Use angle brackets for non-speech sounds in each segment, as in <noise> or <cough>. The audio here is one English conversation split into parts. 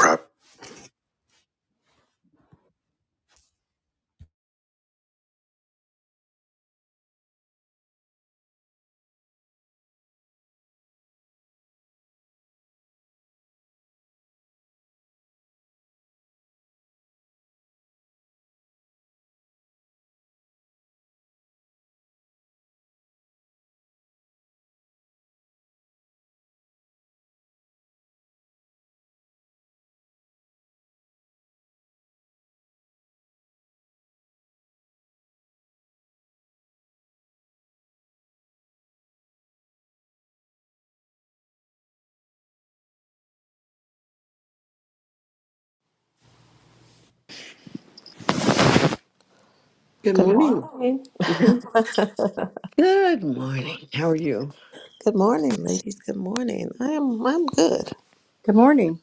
Prop. Good Good morning. morning. <laughs> Good <laughs> good morning. How are you? morning, ladies. Good morning. I am I'm good. Good morning.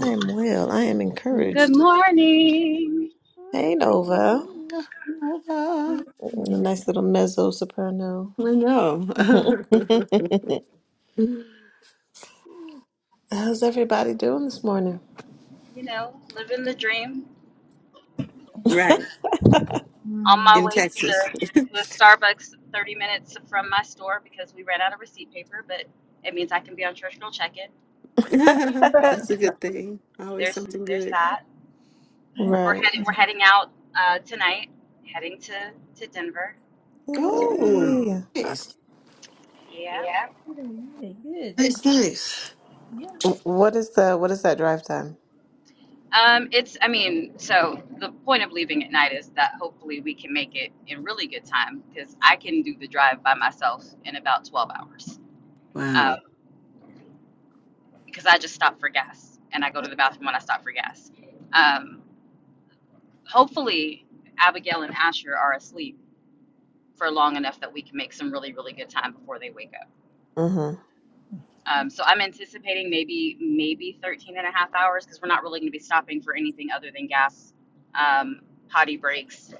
I am well. I am Good encouraged. morning. Hey Nova. morning. A nice little mezzo soprano. I know. <laughs> <laughs> How's everybody doing this morning? You know, living the dream. right. On my Hmm. In way to the Texas. to a Starbucks, thirty minutes from my store because we ran out of receipt paper, but it means I can be on Church check-in. <laughs> <laughs> So That's a good thing. Always there's something there's good. that. I, We're right. heading we're heading out uh, tonight, heading to to Denver. Oh, Yeah. I had nice. Yeah. a really good Nice, nice. yeah. What is the what is that drive time? Um, it's I mean, so the point of leaving at night is that hopefully we can make it in really good time because I can do the drive by myself in about twelve hours. Um, Wow. because I just stop for gas and I go to the bathroom when I stop for gas. Um, hopefully, Abigail and Asher are asleep for long enough that we can make some really, really good time before they wake up. Mm-hmm. Um, so I'm anticipating maybe maybe 13 and a half hours because we're not really going to be stopping for anything other than gas, um, potty breaks.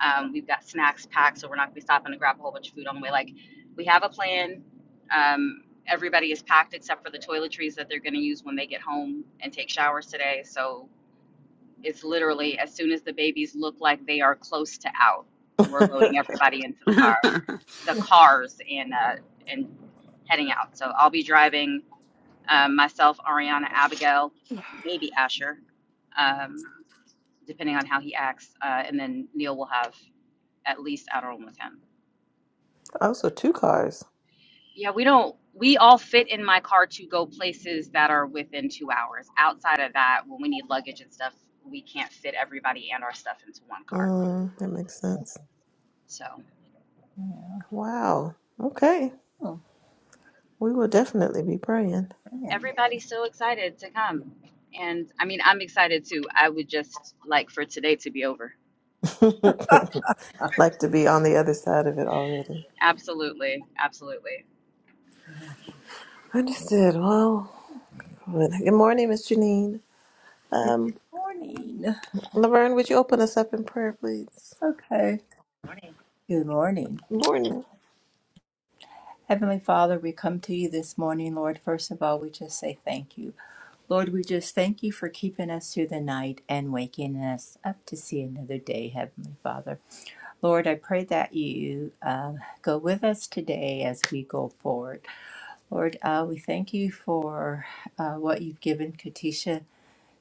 Um, we've got snacks packed, so we're not going to be stopping to grab a whole bunch of food on the way. Like, we have a plan. Um, everybody is packed except for the toiletries that they're going to use when they get home and take showers today. So It's literally as soon as the babies look like they are close to out, we're <laughs> loading everybody into <laughs> the car, Amen. the cars, and uh, and heading out. So I'll be driving um, myself, Ariana, Abigail, maybe Asher, um, depending on how he acts, uh, and then Neil will have at least Adderall with him. also two cars. Yeah, we don't. We all fit in my car to go places that are within two hours. Outside of that, when we need luggage and stuff, we can't fit everybody and our stuff into one car. Mm, that makes sense. So. yeah. Wow. Okay. Oh We will definitely be praying. man. everybody's so excited to come. And I mean, I'm excited too. I would just like for today to be over. <laughs> Like to be on the other side of it already. Absolutely. Absolutely. Understood. Well, good morning, Miss Janine. Good Um, morning. Laverne, would you open us up in prayer, please? Okay. Good morning. morning. Heavenly Father, we come to you this morning, Lord. First of all, we just say thank you. Lord, we just thank you for keeping us through the night and waking us up to see another day, Heavenly Father. Lord, I pray that you um, go with us today as we go forward. Lord, uh, we thank you for uh, what you've given Katisha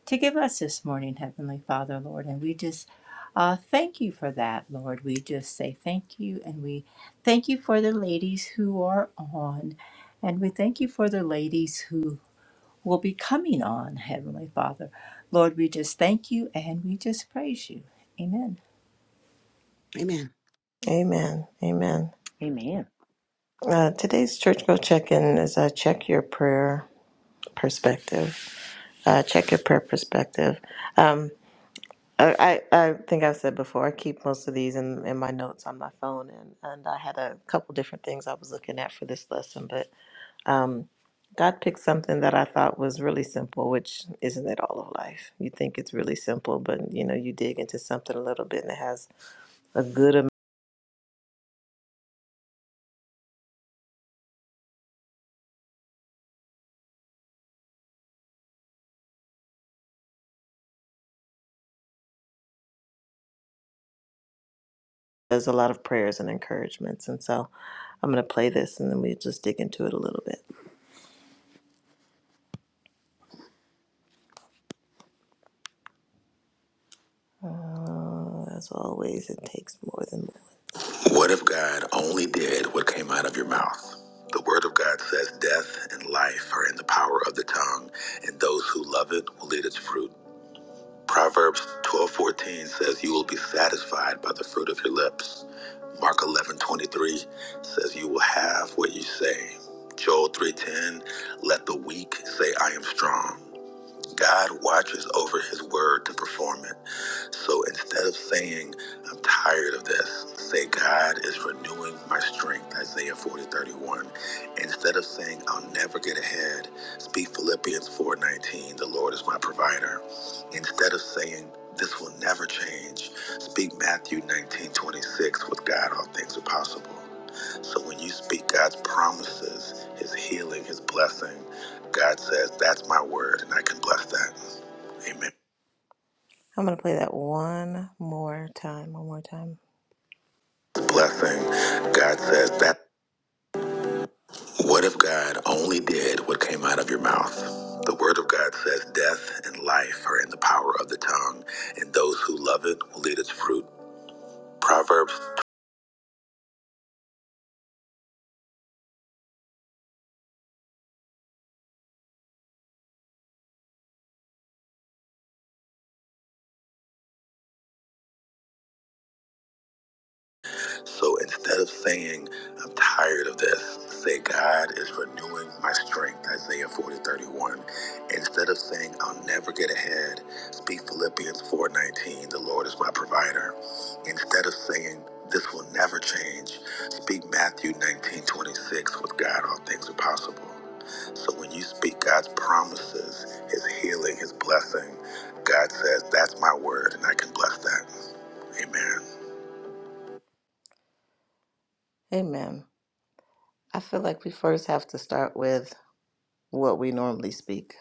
to give us this morning, Heavenly Father, Lord. And we just uh, thank you for that, Lord. We just say thank you. And we thank you for the ladies who are on. And we thank you for the ladies who will be coming on, Heavenly Father. Lord, we just thank you and we just praise you. Amen. Amen. Amen. Amen. Uh, today's church go check in is uh, check your prayer perspective. Uh, check your prayer perspective. Um, I, I I think I've said before, I keep most of these in, in my notes on my phone, and, and I had a couple different things I was looking at for this lesson, but Um, God picked something that I thought was really simple, which isn't it all of life. You think it's really simple, but you know, you dig into something a little bit and it has a good amount. There's a lot of prayers and encouragements. And so I'm going to play this and then we just dig into it a little bit. Uh, as always, it takes more than more. What if God only did what came out of your mouth? The word of God says death and life are in the power of the tongue, and those who love it will eat its fruit. Proverbs 12:14 says you will be satisfied by the fruit of your lips. Mark 11:23 says you will have what you say. Joel 3:10 let the weak say I am strong. God watches over his word to perform it. So instead of saying, I'm tired of this, say, God is renewing my strength, Isaiah 40:31. Instead of saying, I'll never get ahead, speak Philippians 4:19. the Lord is my provider. Instead of saying, this will never change, speak Matthew 19:26. with God all things are possible. So when you speak God's promises, His healing, His blessing, God says, That's my word, and I can bless that. Amen. I'm going to play that one more time. One more time. Blessing. God says that. What if God only did what came out of your mouth? The word of God says death and life are in the power of the tongue, and those who love it will eat its fruit. Proverbs So instead of saying, I'm tired of this, say, God is renewing my strength, Isaiah 40:31. Instead of saying, I'll never get ahead, speak Philippians 4:19. the Lord is my provider. Instead of saying, this will never change, speak Matthew 19:26. with God all things are possible. So when you speak God's promises, his healing, his blessing, God says, that's my word, and I can bless that. Amen. Amen. I feel like we first have to start with what we normally speak.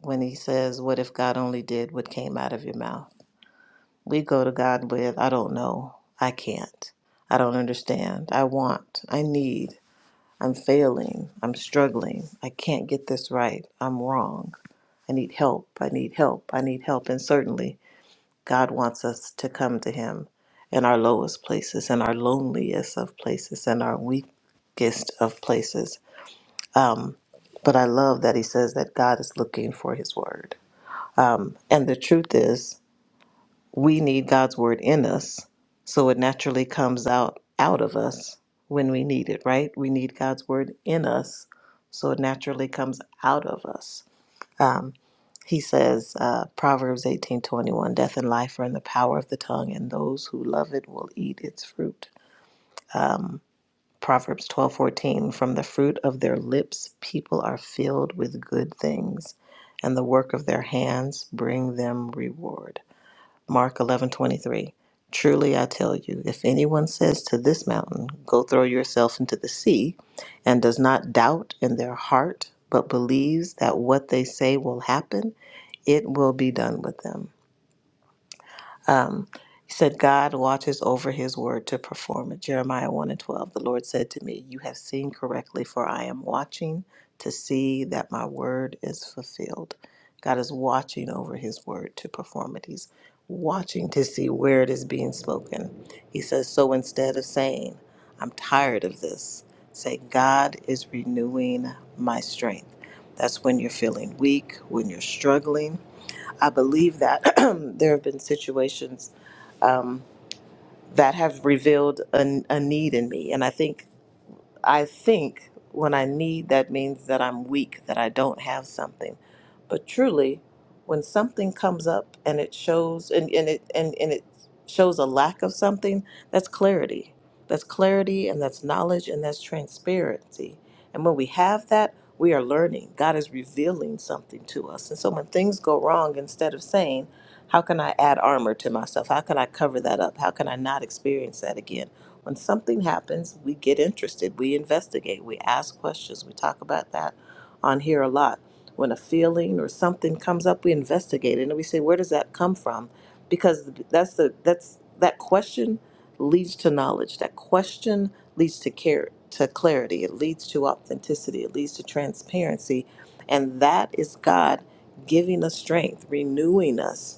When he says, What if God only did what came out of your mouth? We go to God with, I don't know. I can't. I don't understand. I want. I need. I'm failing. I'm struggling. I can't get this right. I'm wrong. I need help. I need help. I need help. And certainly, God wants us to come to Him in our lowest places, in our loneliest of places, in our weakest of places Um, but I love that he says that God is looking for his word. Um, and the truth is, we need God's word in us, so it naturally comes out out of us when we need it, right? We need God's word in us, so it naturally comes out of us. Um, he says, uh, Proverbs eighteen twenty one, death and life are in the power of the tongue, and those who love it will eat its fruit. Proverbs 12:14 From the fruit of their lips people are filled with good things and the work of their hands bring them reward. Mark 11:23 Truly I tell you if anyone says to this mountain go throw yourself into the sea and does not doubt in their heart but believes that what they say will happen it will be done with them. Um, he said, God watches over his word to perform it. Jeremiah 1 and 12. The Lord said to me, You have seen correctly, for I am watching to see that my word is fulfilled. God is watching over his word to perform it. He's watching to see where it is being spoken. He says, So instead of saying, I'm tired of this, say, God is renewing my strength. That's when you're feeling weak, when you're struggling I believe that <clears throat> there have been situations um, that have revealed a, a need in me. And I think I think when I need, that means that I'm weak, that I don't have something. But truly, when something comes up and it shows and, and it and, and it shows a lack of something, that's clarity. That's clarity and that's knowledge and that's transparency. And when we have that, we are learning. God is revealing something to us. And so when things go wrong, instead of saying, How can I add armor to myself? How can I cover that up? How can I not experience that again? When something happens, we get interested, we investigate, we ask questions. We talk about that on here a lot. When a feeling or something comes up, we investigate it and we say, where does that come from? Because that's the that's that question leads to knowledge. That question leads to care to clarity. It leads to authenticity. It leads to transparency. And that is God giving us strength, renewing us,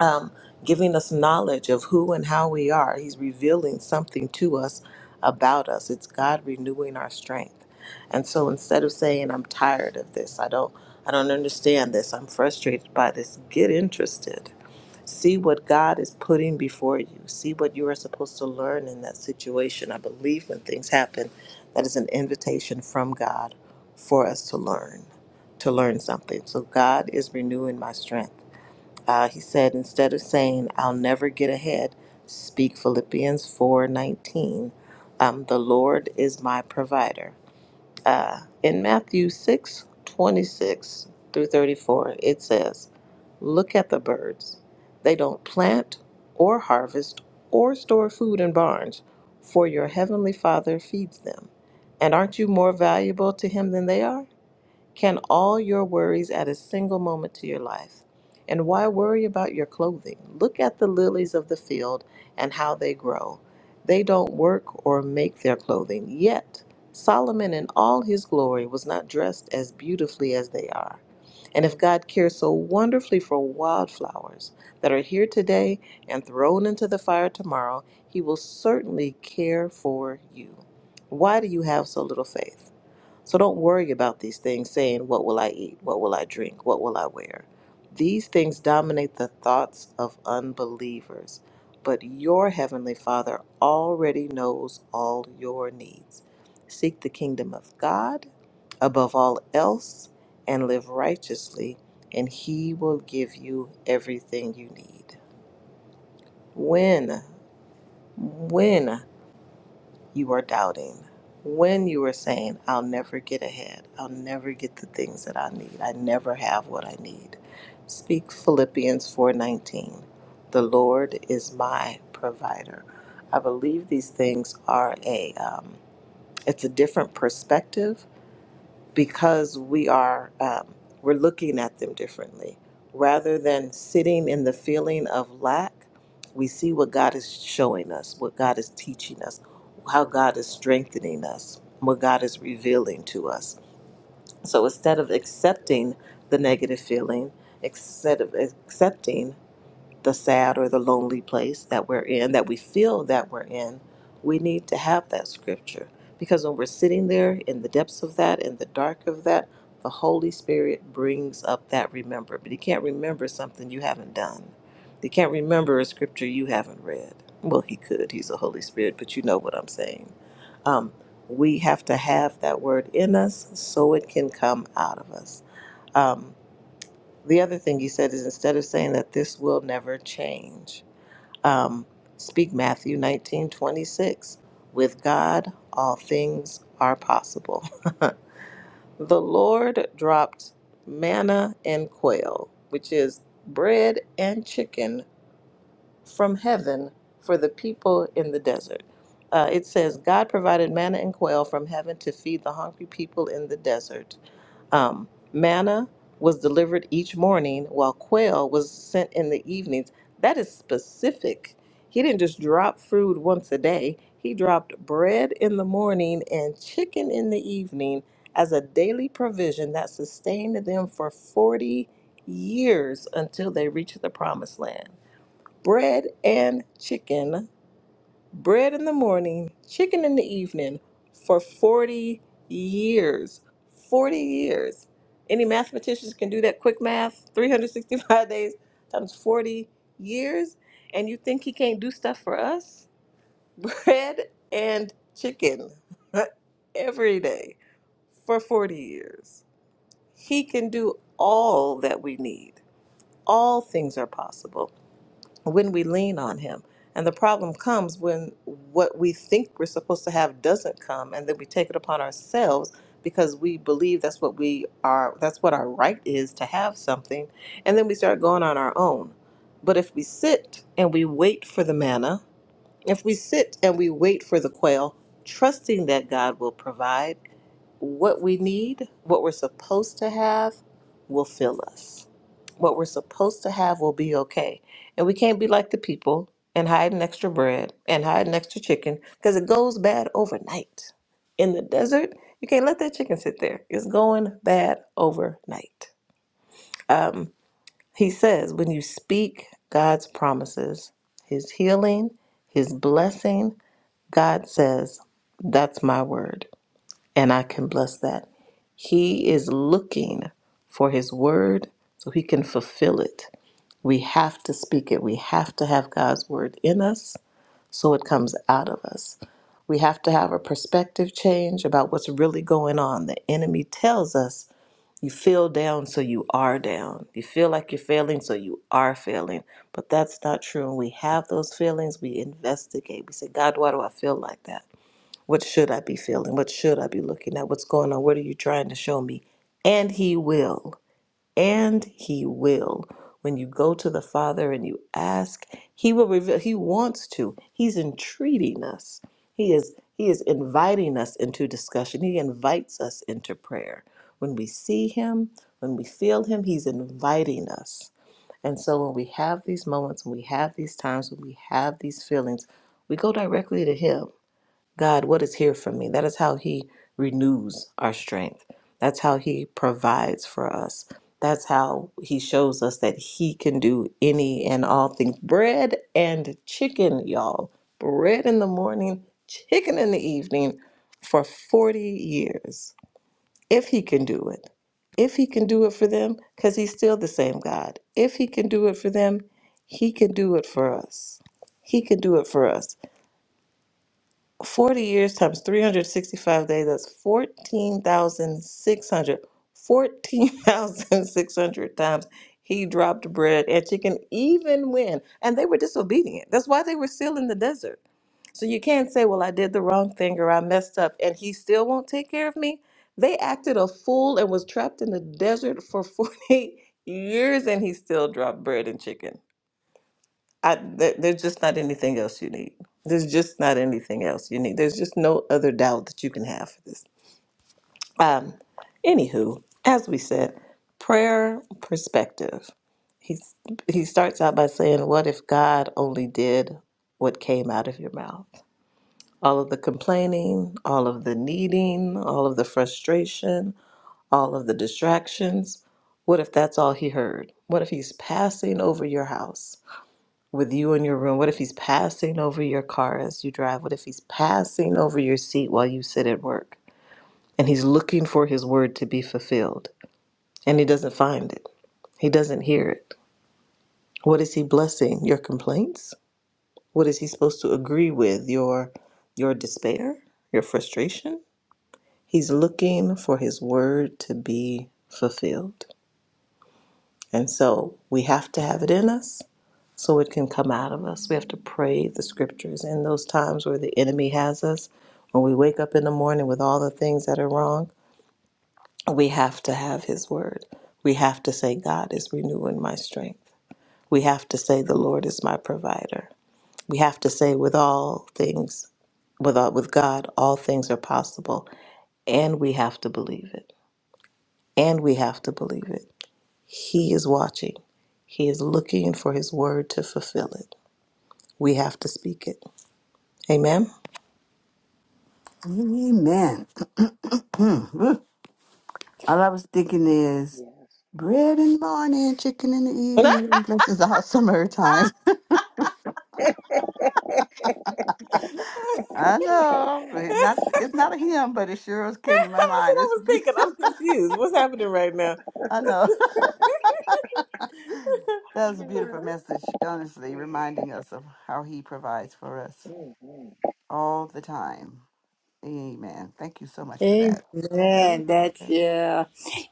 um, giving us knowledge of who and how we are. He's revealing something to us about us. It's God renewing our strength. And so instead of saying, I'm tired of this, I don't I don't understand this, I'm frustrated by this, get interested. See what God is putting before you. See what you are supposed to learn in that situation. I believe when things happen, that is an invitation from God for us to learn, to learn something. So God is renewing my strength. Uh, he said, instead of saying, I'll never get ahead, speak Philippians 4:19. Um, the Lord is my provider. Uh, in Matthew 6:26 through 34, it says, Look at the birds. They don't plant or harvest or store food in barns, for your heavenly Father feeds them. And aren't you more valuable to him than they are? Can all your worries add a single moment to your life? And why worry about your clothing? Look at the lilies of the field and how they grow. They don't work or make their clothing. Yet, Solomon in all his glory was not dressed as beautifully as they are. And if God cares so wonderfully for wildflowers that are here today and thrown into the fire tomorrow, he will certainly care for you. Why do you have so little faith? So don't worry about these things saying, What will I eat? What will I drink? What will I wear? These things dominate the thoughts of unbelievers. But your Heavenly Father already knows all your needs. Seek the kingdom of God above all else and live righteously, and He will give you everything you need. When? When? you are doubting, when you are saying, I'll never get ahead, I'll never get the things that I need, I never have what I need. Speak Philippians 4:19. The Lord is my provider. I believe these things are a um, it's a different perspective because we are um, we're looking at them differently rather than sitting in the feeling of lack we see what god is showing us what god is teaching us how god is strengthening us what god is revealing to us so instead of accepting the negative feeling instead of accepting the sad or the lonely place that we're in, that we feel that we're in, we need to have that scripture. Because when we're sitting there in the depths of that, in the dark of that, the Holy Spirit brings up that remember. But you can't remember something you haven't done. You can't remember a scripture you haven't read. Well, he could. He's the Holy Spirit, but you know what I'm saying. Um, we have to have that word in us so it can come out of us. Um, the other thing he said is instead of saying that this will never change, um, speak Matthew nineteen twenty six. With God, all things are possible. <laughs> the Lord dropped manna and quail, which is bread and chicken from heaven for the people in the desert. Uh, it says, God provided manna and quail from heaven to feed the hungry people in the desert. Um, manna was delivered each morning, while quail was sent in the evenings. That is specific. He didn't just drop food once a day, he dropped bread in the morning and chicken in the evening as a daily provision that sustained them for 40 years until they reached the promised land bread and chicken, bread in the morning, chicken in the evening for 40 years. 40 years. Any mathematicians can do that quick math 365 <laughs> days times 40 years. And you think he can't do stuff for us? <laughs> Bread and chicken <laughs> every day for 40 years. He can do all that we need. All things are possible when we lean on him. And the problem comes when what we think we're supposed to have doesn't come and then we take it upon ourselves because we believe that's what we are that's what our right is to have something and then we start going on our own. But if we sit and we wait for the manna, if we sit and we wait for the quail, trusting that God will provide, what we need, what we're supposed to have, will fill us. What we're supposed to have will be okay. And we can't be like the people and hide an extra bread and hide an extra chicken because it goes bad overnight. In the desert, you can't let that chicken sit there. It's going bad overnight. Um, he says, when you speak God's promises, his healing, his blessing, God says, that's my word and I can bless that. He is looking for His word so He can fulfill it. We have to speak it. We have to have God's word in us so it comes out of us. We have to have a perspective change about what's really going on. The enemy tells us you feel down, so you are down. You feel like you're failing, so you are failing. But that's not true. When we have those feelings, we investigate. We say, God, why do I feel like that? What should I be feeling? What should I be looking at? What's going on? What are you trying to show me? And He will. And He will. When you go to the Father and you ask, He will reveal. He wants to. He's entreating us. He is. He is inviting us into discussion. He invites us into prayer. When we see Him, when we feel Him, He's inviting us. And so when we have these moments, when we have these times, when we have these feelings, we go directly to Him God, what is here for me? That is how He renews our strength. That's how He provides for us. That's how He shows us that He can do any and all things. Bread and chicken, y'all. Bread in the morning, chicken in the evening for 40 years. If He can do it. If He can do it for them, because He's still the same God. If He can do it for them, He can do it for us. He can do it for us. 40 years times 365 days, that's 14,600. 14,600 <laughs> times he dropped bread and chicken, even when. And they were disobedient. That's why they were still in the desert. So you can't say, well, I did the wrong thing or I messed up and he still won't take care of me. They acted a fool and was trapped in the desert for <laughs> 40 years and he still dropped bread and chicken. I there, there's just not anything else you need. There's just not anything else you need. There's just no other doubt that you can have for this. Um, anywho, as we said, prayer perspective. He's he starts out by saying, "What if God only did what came out of your mouth? All of the complaining, all of the needing, all of the frustration, all of the distractions. What if that's all he heard? What if he's passing over your house?" with you in your room? What if he's passing over your car as you drive? What if he's passing over your seat while you sit at work? And he's looking for his word to be fulfilled and he doesn't find it, he doesn't hear it. What is he blessing? Your complaints? What is he supposed to agree with? Your your despair? Your frustration? He's looking for his word to be fulfilled. And so we have to have it in us so it can come out of us. We have to pray the scriptures in those times where the enemy has us. When we wake up in the morning with all the things that are wrong, we have to have his word. We have to say, God is renewing my strength. We have to say, the Lord is my provider. We have to say, with all things, with, all, with God, all things are possible. And we have to believe it. And we have to believe it. He is watching. He is looking for his word to fulfill it. We have to speak it. Amen. Amen. <clears throat> All I was thinking is Yes. bread in the morning, chicken in the <laughs> That's what evening. This is all summertime. <laughs> I know it's not it's not a hymn, but it sure is came to my mind. I It's was be- thinking. <laughs> I'm confused. What's happening right now? I know <laughs> that was a beautiful message. Honestly, reminding us of how He provides for us Mm-hmm. all the time. Amen. Thank you so much for that. Amen. Amen. That's yeah.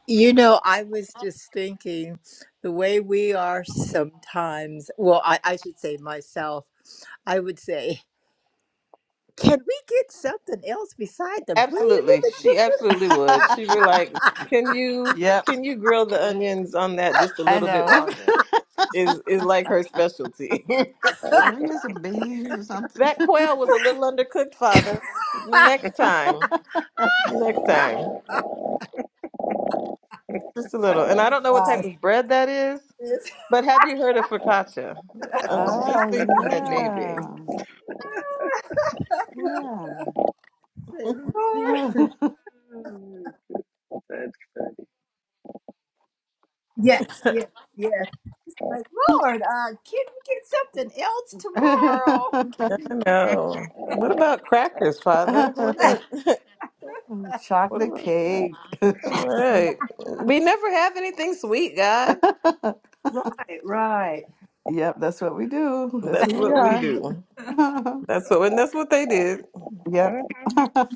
You know, I was just thinking the way we are sometimes. Well, I, I should say myself. I would say. Can we get something else beside the bread with Absolutely. the She chicken? absolutely would. She'd be <laughs> like, Can you yep, can you grill the onions on that just a I little bit know. longer? <laughs> Is is like her specialty. Can we get some beans or <laughs> something? that <laughs> quail was a little undercooked, Father. <laughs> Next time. Next time. Just a little. oh And I my don't know what type gosh. of bread that is. This- <laughs> But have you heard of focaccia? I was just Oh thinking that maybe. yeah. Yeah. Say, Lord. Mm-hmm. That's funny. Mhm, Yes, yes, yes. Like, Lord, uh, can we get something else tomorrow? I know. What about crackers, Father? What? <laughs> the- <laughs> What Chocolate about that? cake. <laughs> All mhm, right. We never have anything sweet, God. Right, right. yep, that's what we do. That's That's who we what we are. do. <laughs> That's what, and that's what they did. yep. mhm. <laughs>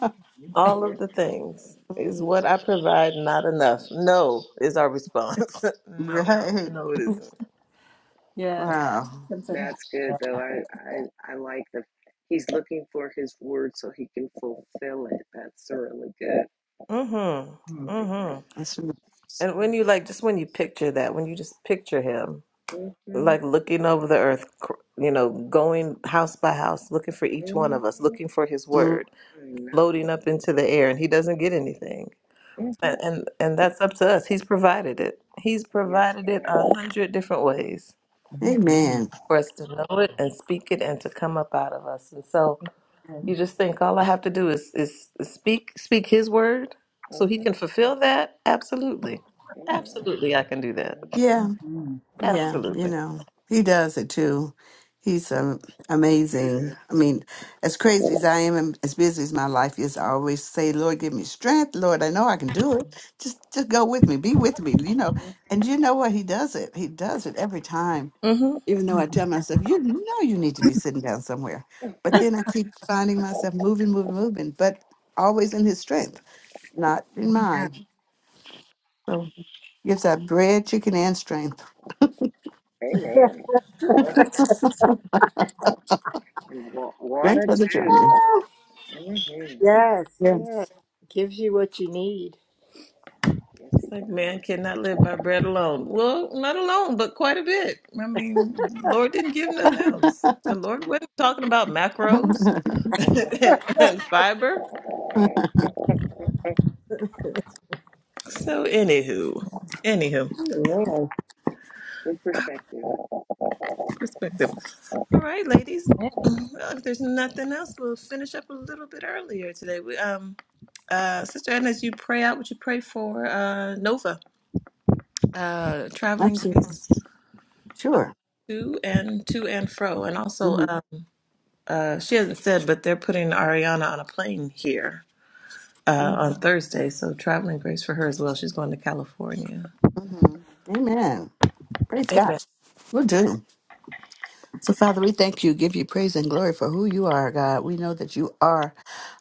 All Yeah, of the things is Mm, what I provide. Not enough. No is our response. <laughs> no, right. no, it isn't. Yes, Wow. something else. that's good though. I, I I like the he's looking for his word so he can fulfill it. That's really good. Mm-hmm. I like that. Mm-hmm. That's, what- And when Mhm, you like, just when you picture that, when you just picture Him, mhm, like looking over the earth, cr- you know, going house by house, looking for each one of us, mhm. looking for His mm, word, I know. floating up into the air, and He doesn't get anything. And Mhm. and, and that's up to us. He's provided it. He's Yes, he provided it has. a hundred different ways Mhm. amen. for us to know it and speak it and to come up out of us. And so you And- just think all I have to do is is speak speak His word, so He Mhm. can fulfill that. Absolutely, Amen. absolutely, I can do that. Yeah. Mhm. mm, yeah. Yeah, you Absolutely. know, he does it too. He's um, Yes, he amazing. I does. mean, as crazy as I am and as busy as my life is, I always say, Lord, give me strength. Lord, I know I can do it. Just just go with me. Be with me, you know. And Mhm. you know what? He does it. He does it every time. Mm-hmm. Even though I Mhm. tell myself, you know you need to be sitting down somewhere. But then I keep finding myself moving, moving, moving, but always in his strength, not in mine. So gives out bread, chicken, and strength. Amen. <laughs> Ah, Mhm. And wa- Strength water for the too. journey. hmm yes, Yeah. yes. Gives you what you need. Yes, he It's like man does. cannot live by bread alone. Well, not alone, but quite a bit. I mean, Lord didn't give nothing else. The Lord wasn't talking about macros <laughs> <laughs> and, and fiber. So, Amen. anywho, anywho, Amen. Good perspective. perspective. All right, ladies. Amen. Well, if there's nothing else, we'll finish up a little bit earlier today. We, um, uh, Sister Anna, as you pray out, would you pray for uh, Nova, uh, traveling Absolutely. grace uh, Sure. to and to and fro, and also. uh, Mm-hmm. uh, she hasn't said, but they're putting Ariana on a plane here uh, on Thursday. So traveling grace for her as well. She's going to California. hmm Amen. Praise God. Amen. We'll do. So, Father, we thank you, give you praise and glory for who you are, God. We know that you are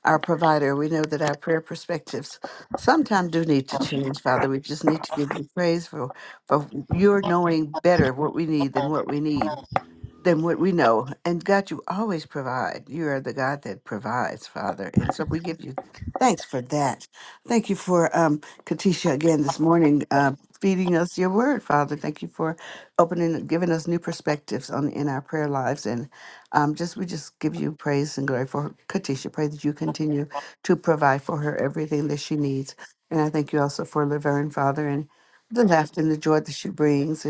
our provider. We know that our prayer perspectives sometimes do need to change, Father. We just need to give you praise for, for your knowing better what we need than what we need. than what we know. And God, you always provide. You are the God that provides, Father. And so we give you thanks for that. Thank you for um, Katisha again this morning uh, feeding us your word, Father. Thank you for opening, giving us new perspectives on in our prayer lives. And um, just we just give you praise and glory for Katisha. Pray that you continue to provide for her everything that she needs. And I thank you also for Laverne, Father, and the laughter and the joy that she brings.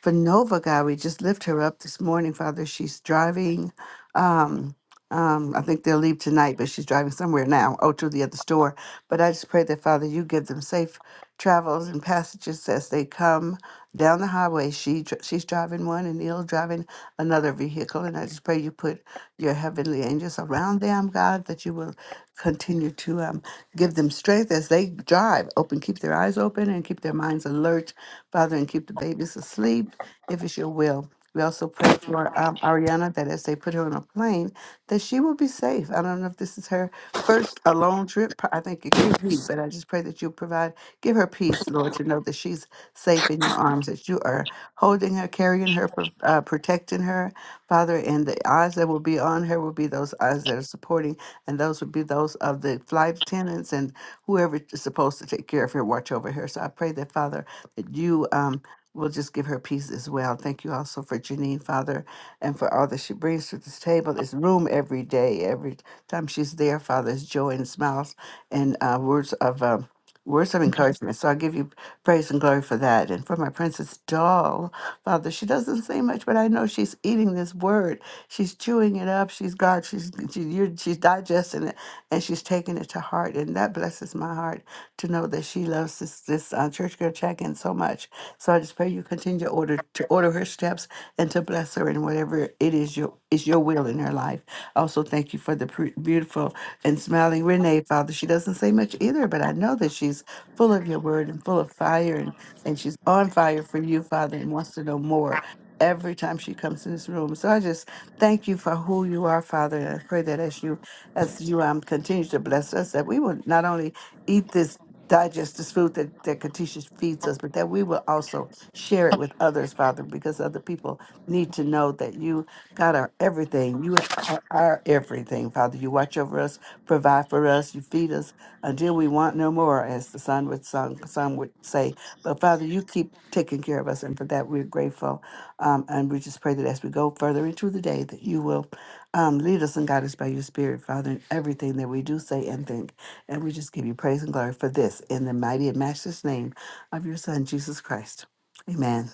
For Nova, God, we just lift her up this morning, Father. She's driving. Um, um, I think they'll leave tonight, but she's driving somewhere now, oh, to the other store. But I just pray that, Father, you give them safe travels and passages as they come down the highway. She dr- She's driving one and Neil driving another vehicle. And I just pray you put your heavenly angels around them, God, that you will continue to um, give them strength as they drive. Open, keep their eyes open and keep their minds alert Father, and keep the babies asleep if it's your will. We also pray for um, Ariana that as they put her on a plane, that she will be safe. I don't know if this is her first a long trip. p- I think it could be, but I just pray that you provide, give her peace, Lord, to know that she's safe in your arms, that you are holding her, carrying her, pro- uh, protecting her, Father. And the eyes that will be on her will be those eyes that are supporting, and those would be those of the flight attendants and whoever is supposed to take care of her, watch over her. So I pray that, Father you um will just give her peace as well. Thank you also for Janine, Father, and for all that she brings to this table, this room every day. Every time she's there, Father, is joy and smiles and uh, words of um, words of encouragement. So I give you praise and glory for that. And for my princess doll, Father, she doesn't say much, but I know she's eating this word. She's chewing it up. She's God. She's she, you're, she's digesting it, and she's taking it to heart, and that blesses my heart to know that she loves this this uh, church girl check-in so much. So I just pray you continue to order to order her steps and to bless her in whatever it is your is your will in her life. Also, thank you for the pre- beautiful and smiling Renee, Father. She doesn't say much either, but I know that she's full of your word and full of fire, and and she's on fire for you, Father, and wants to know more. Every time she comes in this room, so I just thank you for who you are, Father, and I pray that as you as you um continue to bless us, that we will not only eat this digest this food that, that Katisha feeds us, but that we will also share it with others, Father, because other people need to know that you, God, are everything. You are are everything, Father. You watch over us, provide for us, you feed us until we want no more, as the son would song, some would say. But Father, you keep taking care of us, and for that we're grateful. Um, and we just pray that as we go further into the day, that you will um, lead us and guide us by your Spirit, Father, in everything that we do say and think. And we just give you praise and glory for this in the mighty and matchless name of your son, Jesus Christ. Amen.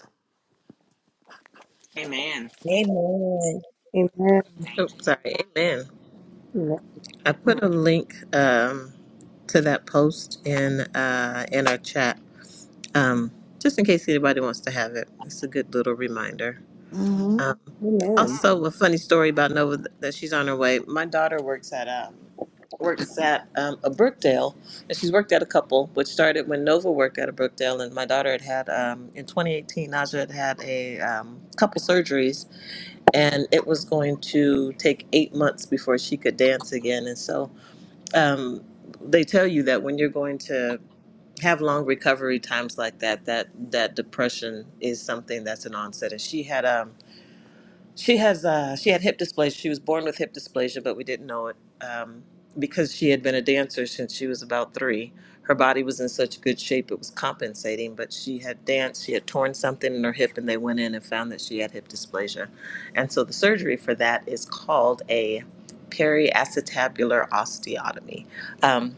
Amen. Amen. Amen. Oh, Thank sorry. Amen. I put a link um, to that post in uh, in our chat, um, just in case anybody wants to have it. It's a good little reminder. hmm Amen. Um, Amen. also, a funny story about Nova th- that she's on her way. My daughter works at um, works at um, a Brookdale, and she's worked at a couple, which started when Nova worked at a Brookdale, and my daughter had had um, in 2018, Naja had had a um, couple surgeries, and it was going to take eight months before she could dance again. And so um, they tell you that when you're going to have long recovery times like that, that that depression is something that's an onset. And she had um she has uh, she had hip dysplasia. She was born with hip dysplasia, but we didn't know it um, because she had been a dancer since she was about three. Her body was in such good shape it was compensating, but she had danced. She had torn something in her hip, and they went in and found that she had hip dysplasia, and so the surgery for that is called a periacetabular osteotomy. Um,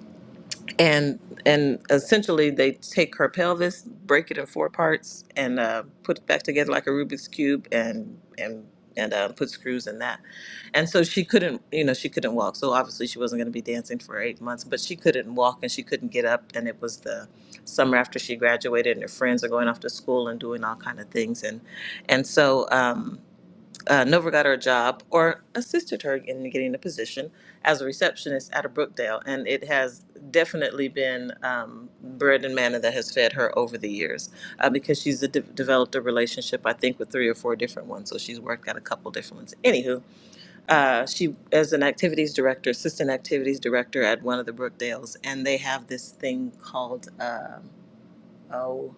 and and essentially they take her pelvis, break it in four parts, and uh, put it back together like a Rubik's cube, and and and uh, put screws in that. And so she couldn't, you know, she couldn't walk. So obviously she wasn't going to be dancing for eight months, but she couldn't walk and she couldn't get up. And it was the summer after she graduated, and her friends are going off to school and doing all kind of things, and and so. Um, uh, Nova got her a job or assisted her in getting a position as a receptionist at a Brookdale, and it has definitely been um, bread and manna that has fed her over the years uh, because she's de- developed a relationship, I think, with three or four different ones. So she's worked at a couple different ones. Anywho, uh, she is an activities director, assistant activities director at one of the Brookdales, and they have this thing called. um oh.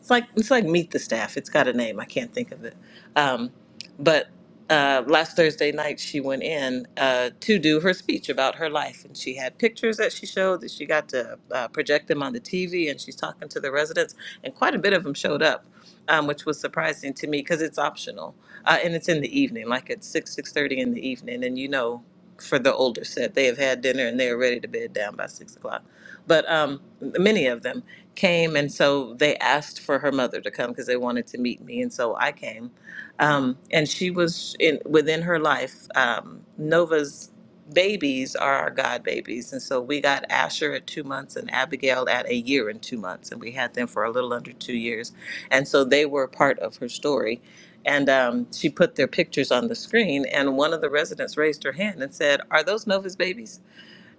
It's like it's like meet the staff. It's got a name. I can't think of it. Um, but uh, last Thursday night, she went in uh, to do her speech about her life, and she had pictures that she showed that she got to uh, project them on the TV, and she's talking to the residents, and quite a bit of them showed up, um, which was surprising to me because it's optional uh, and it's in the evening, like at six six thirty in the evening, and you know. For the older set, they have had dinner and they are ready to bed down by six o'clock. But um, many of them came, and so they asked for her mother to come because they wanted to meet me, and so I came. Um, and she was in within her life. Um, Nova's babies are our god babies, and so we got Asher at two months and Abigail at a year and two months, and we had them for a little under two years, and so they were part of her story. And um, she put their pictures on the screen, and one of the residents raised her hand and said, "Are those Nova's babies?"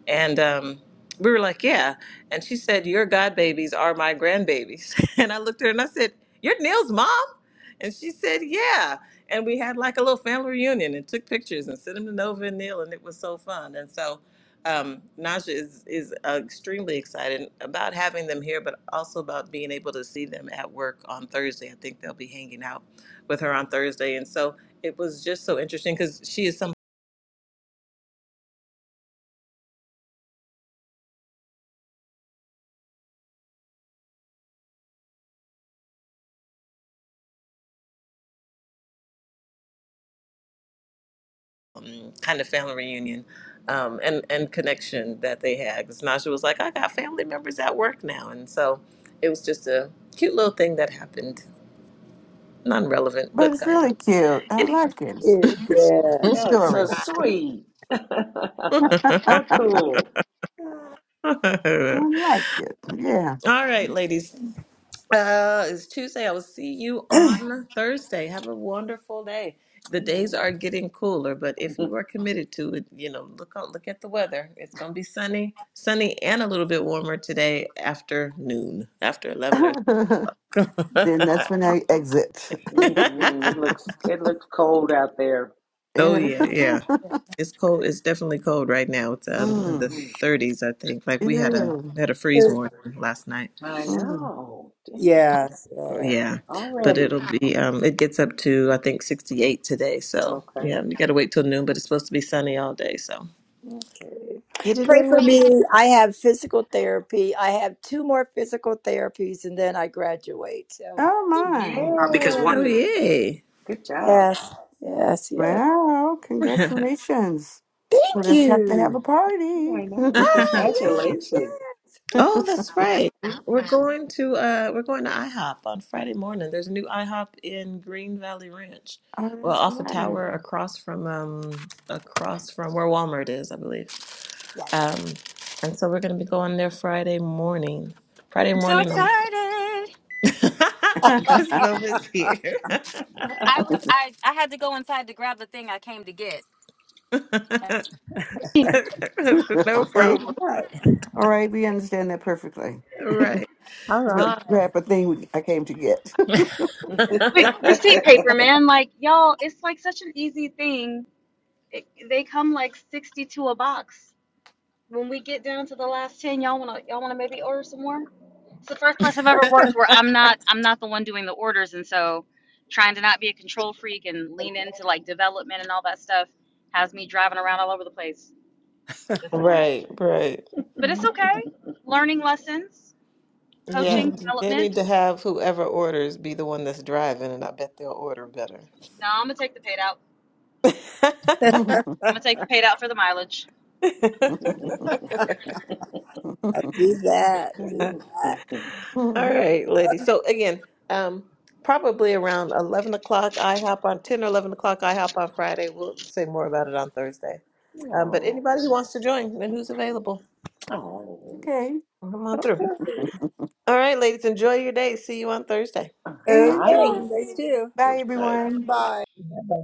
And um, we were like, yeah. And she said, your god babies are my grandbabies. <laughs> And I looked at her and I said, you're Neil's mom? And she said, yeah. And we had like a little family reunion and took pictures and sent them to Nova and Neil, and it was so fun. And so um, Naja is, is uh, extremely excited about having them here, but also about being able to see them at work on Thursday. I think they'll be hanging out with her on Thursday. And so it was just so interesting because she is someone. um, kind of family reunion um, and and connection that they had. Because Naja was like, I got family members at work now, and so it was just a cute little thing that happened, non relevant, But but it's kind of. really cute. I Anyhow. like it. It- It's a good yeah. That's so story. sweet. <laughs> How cool. I <laughs> like it. Yeah. All right, ladies. Uh, it's Tuesday. I will see you on Thursday. Have a wonderful day. The days Amen. are getting cooler, but <laughs> if you are committed to it, you know, look out, look at the weather. It's going to be sunny, sunny, and a little bit warmer today after noon, after eleven or. <laughs> <laughs> then that's when I exit. <laughs> hmm It looks it looks cold out there. oh Yeah. yeah, yeah. It's cold. It's definitely cold right now. It's hmm um in the mm. 30s, I think. Like we had a Yeah. had a freeze warning last night. I Mm. know. Dang. Yes. Yeah. Yeah, but Already. it'll be um it gets up to I think 68 today. So, Okay. yeah, you got to wait till noon, but it's supposed to be sunny all day, so Okay. get it Pray in for where you <laughs> can. me. I have physical therapy. I have two more physical therapies and then I graduate. So, Oh, my. 'Cause why? Oh, Yay. yay. Good job. yes. Yes. Yes. Wow. Congratulations. We'll Thank just have to have you. a party. I <laughs> know. oh, <laughs> Oh, yes. Congratulations. Oh, that's right. We're going to uh we're going to IHOP on Friday morning. There's a new IHOP in Green Valley Ranch. Well, that's off a right. tower across from um across from where Walmart is, I believe. Yes. Yes. Um and so we're going to be going there Friday morning. Friday I'm so morning. excited. <laughs> Because love is here. I was I I had to go inside to grab the thing I came to get. <laughs> <laughs> no okay. problem. All right. All right, we understand that perfectly. Right. All I'm going So to right. grab a thing we- I came to get. Wait, receipt paper, man. Like, y'all, it's like such an easy thing. It, they come like 62 a box. When we get down to the last 10, y'all want to y'all want to maybe order some more? It's the first place I've ever <laughs> worked where I'm not I'm not the one doing the orders, and so trying to not be a control freak and lean into like development and all that stuff has me driving around all over the place this morning. Right, right. But it's Amen. okay. <laughs> Learning lessons, Yeah. coaching, <laughs> They development. need to have whoever orders be the one that's driving and I bet they'll order better. No, I'm gonna take the paid out. I'm gonna take the paid out for the mileage. <laughs> I'll do that. <laughs> Do oh, that. All right, ladies. So again, um, probably around 11 o'clock IHOP on 10 or 11 o'clock IHOP on Friday. We'll say more about it on Thursday. Um, but oh. anybody who wants to join and who's available, All okay, come on through. Okay. All right, ladies, enjoy your day. See you on Thursday. right. Bye, Okay. enjoy. ladies. Thanks, too. Bye, Bye. everyone. Bye. Bye-bye.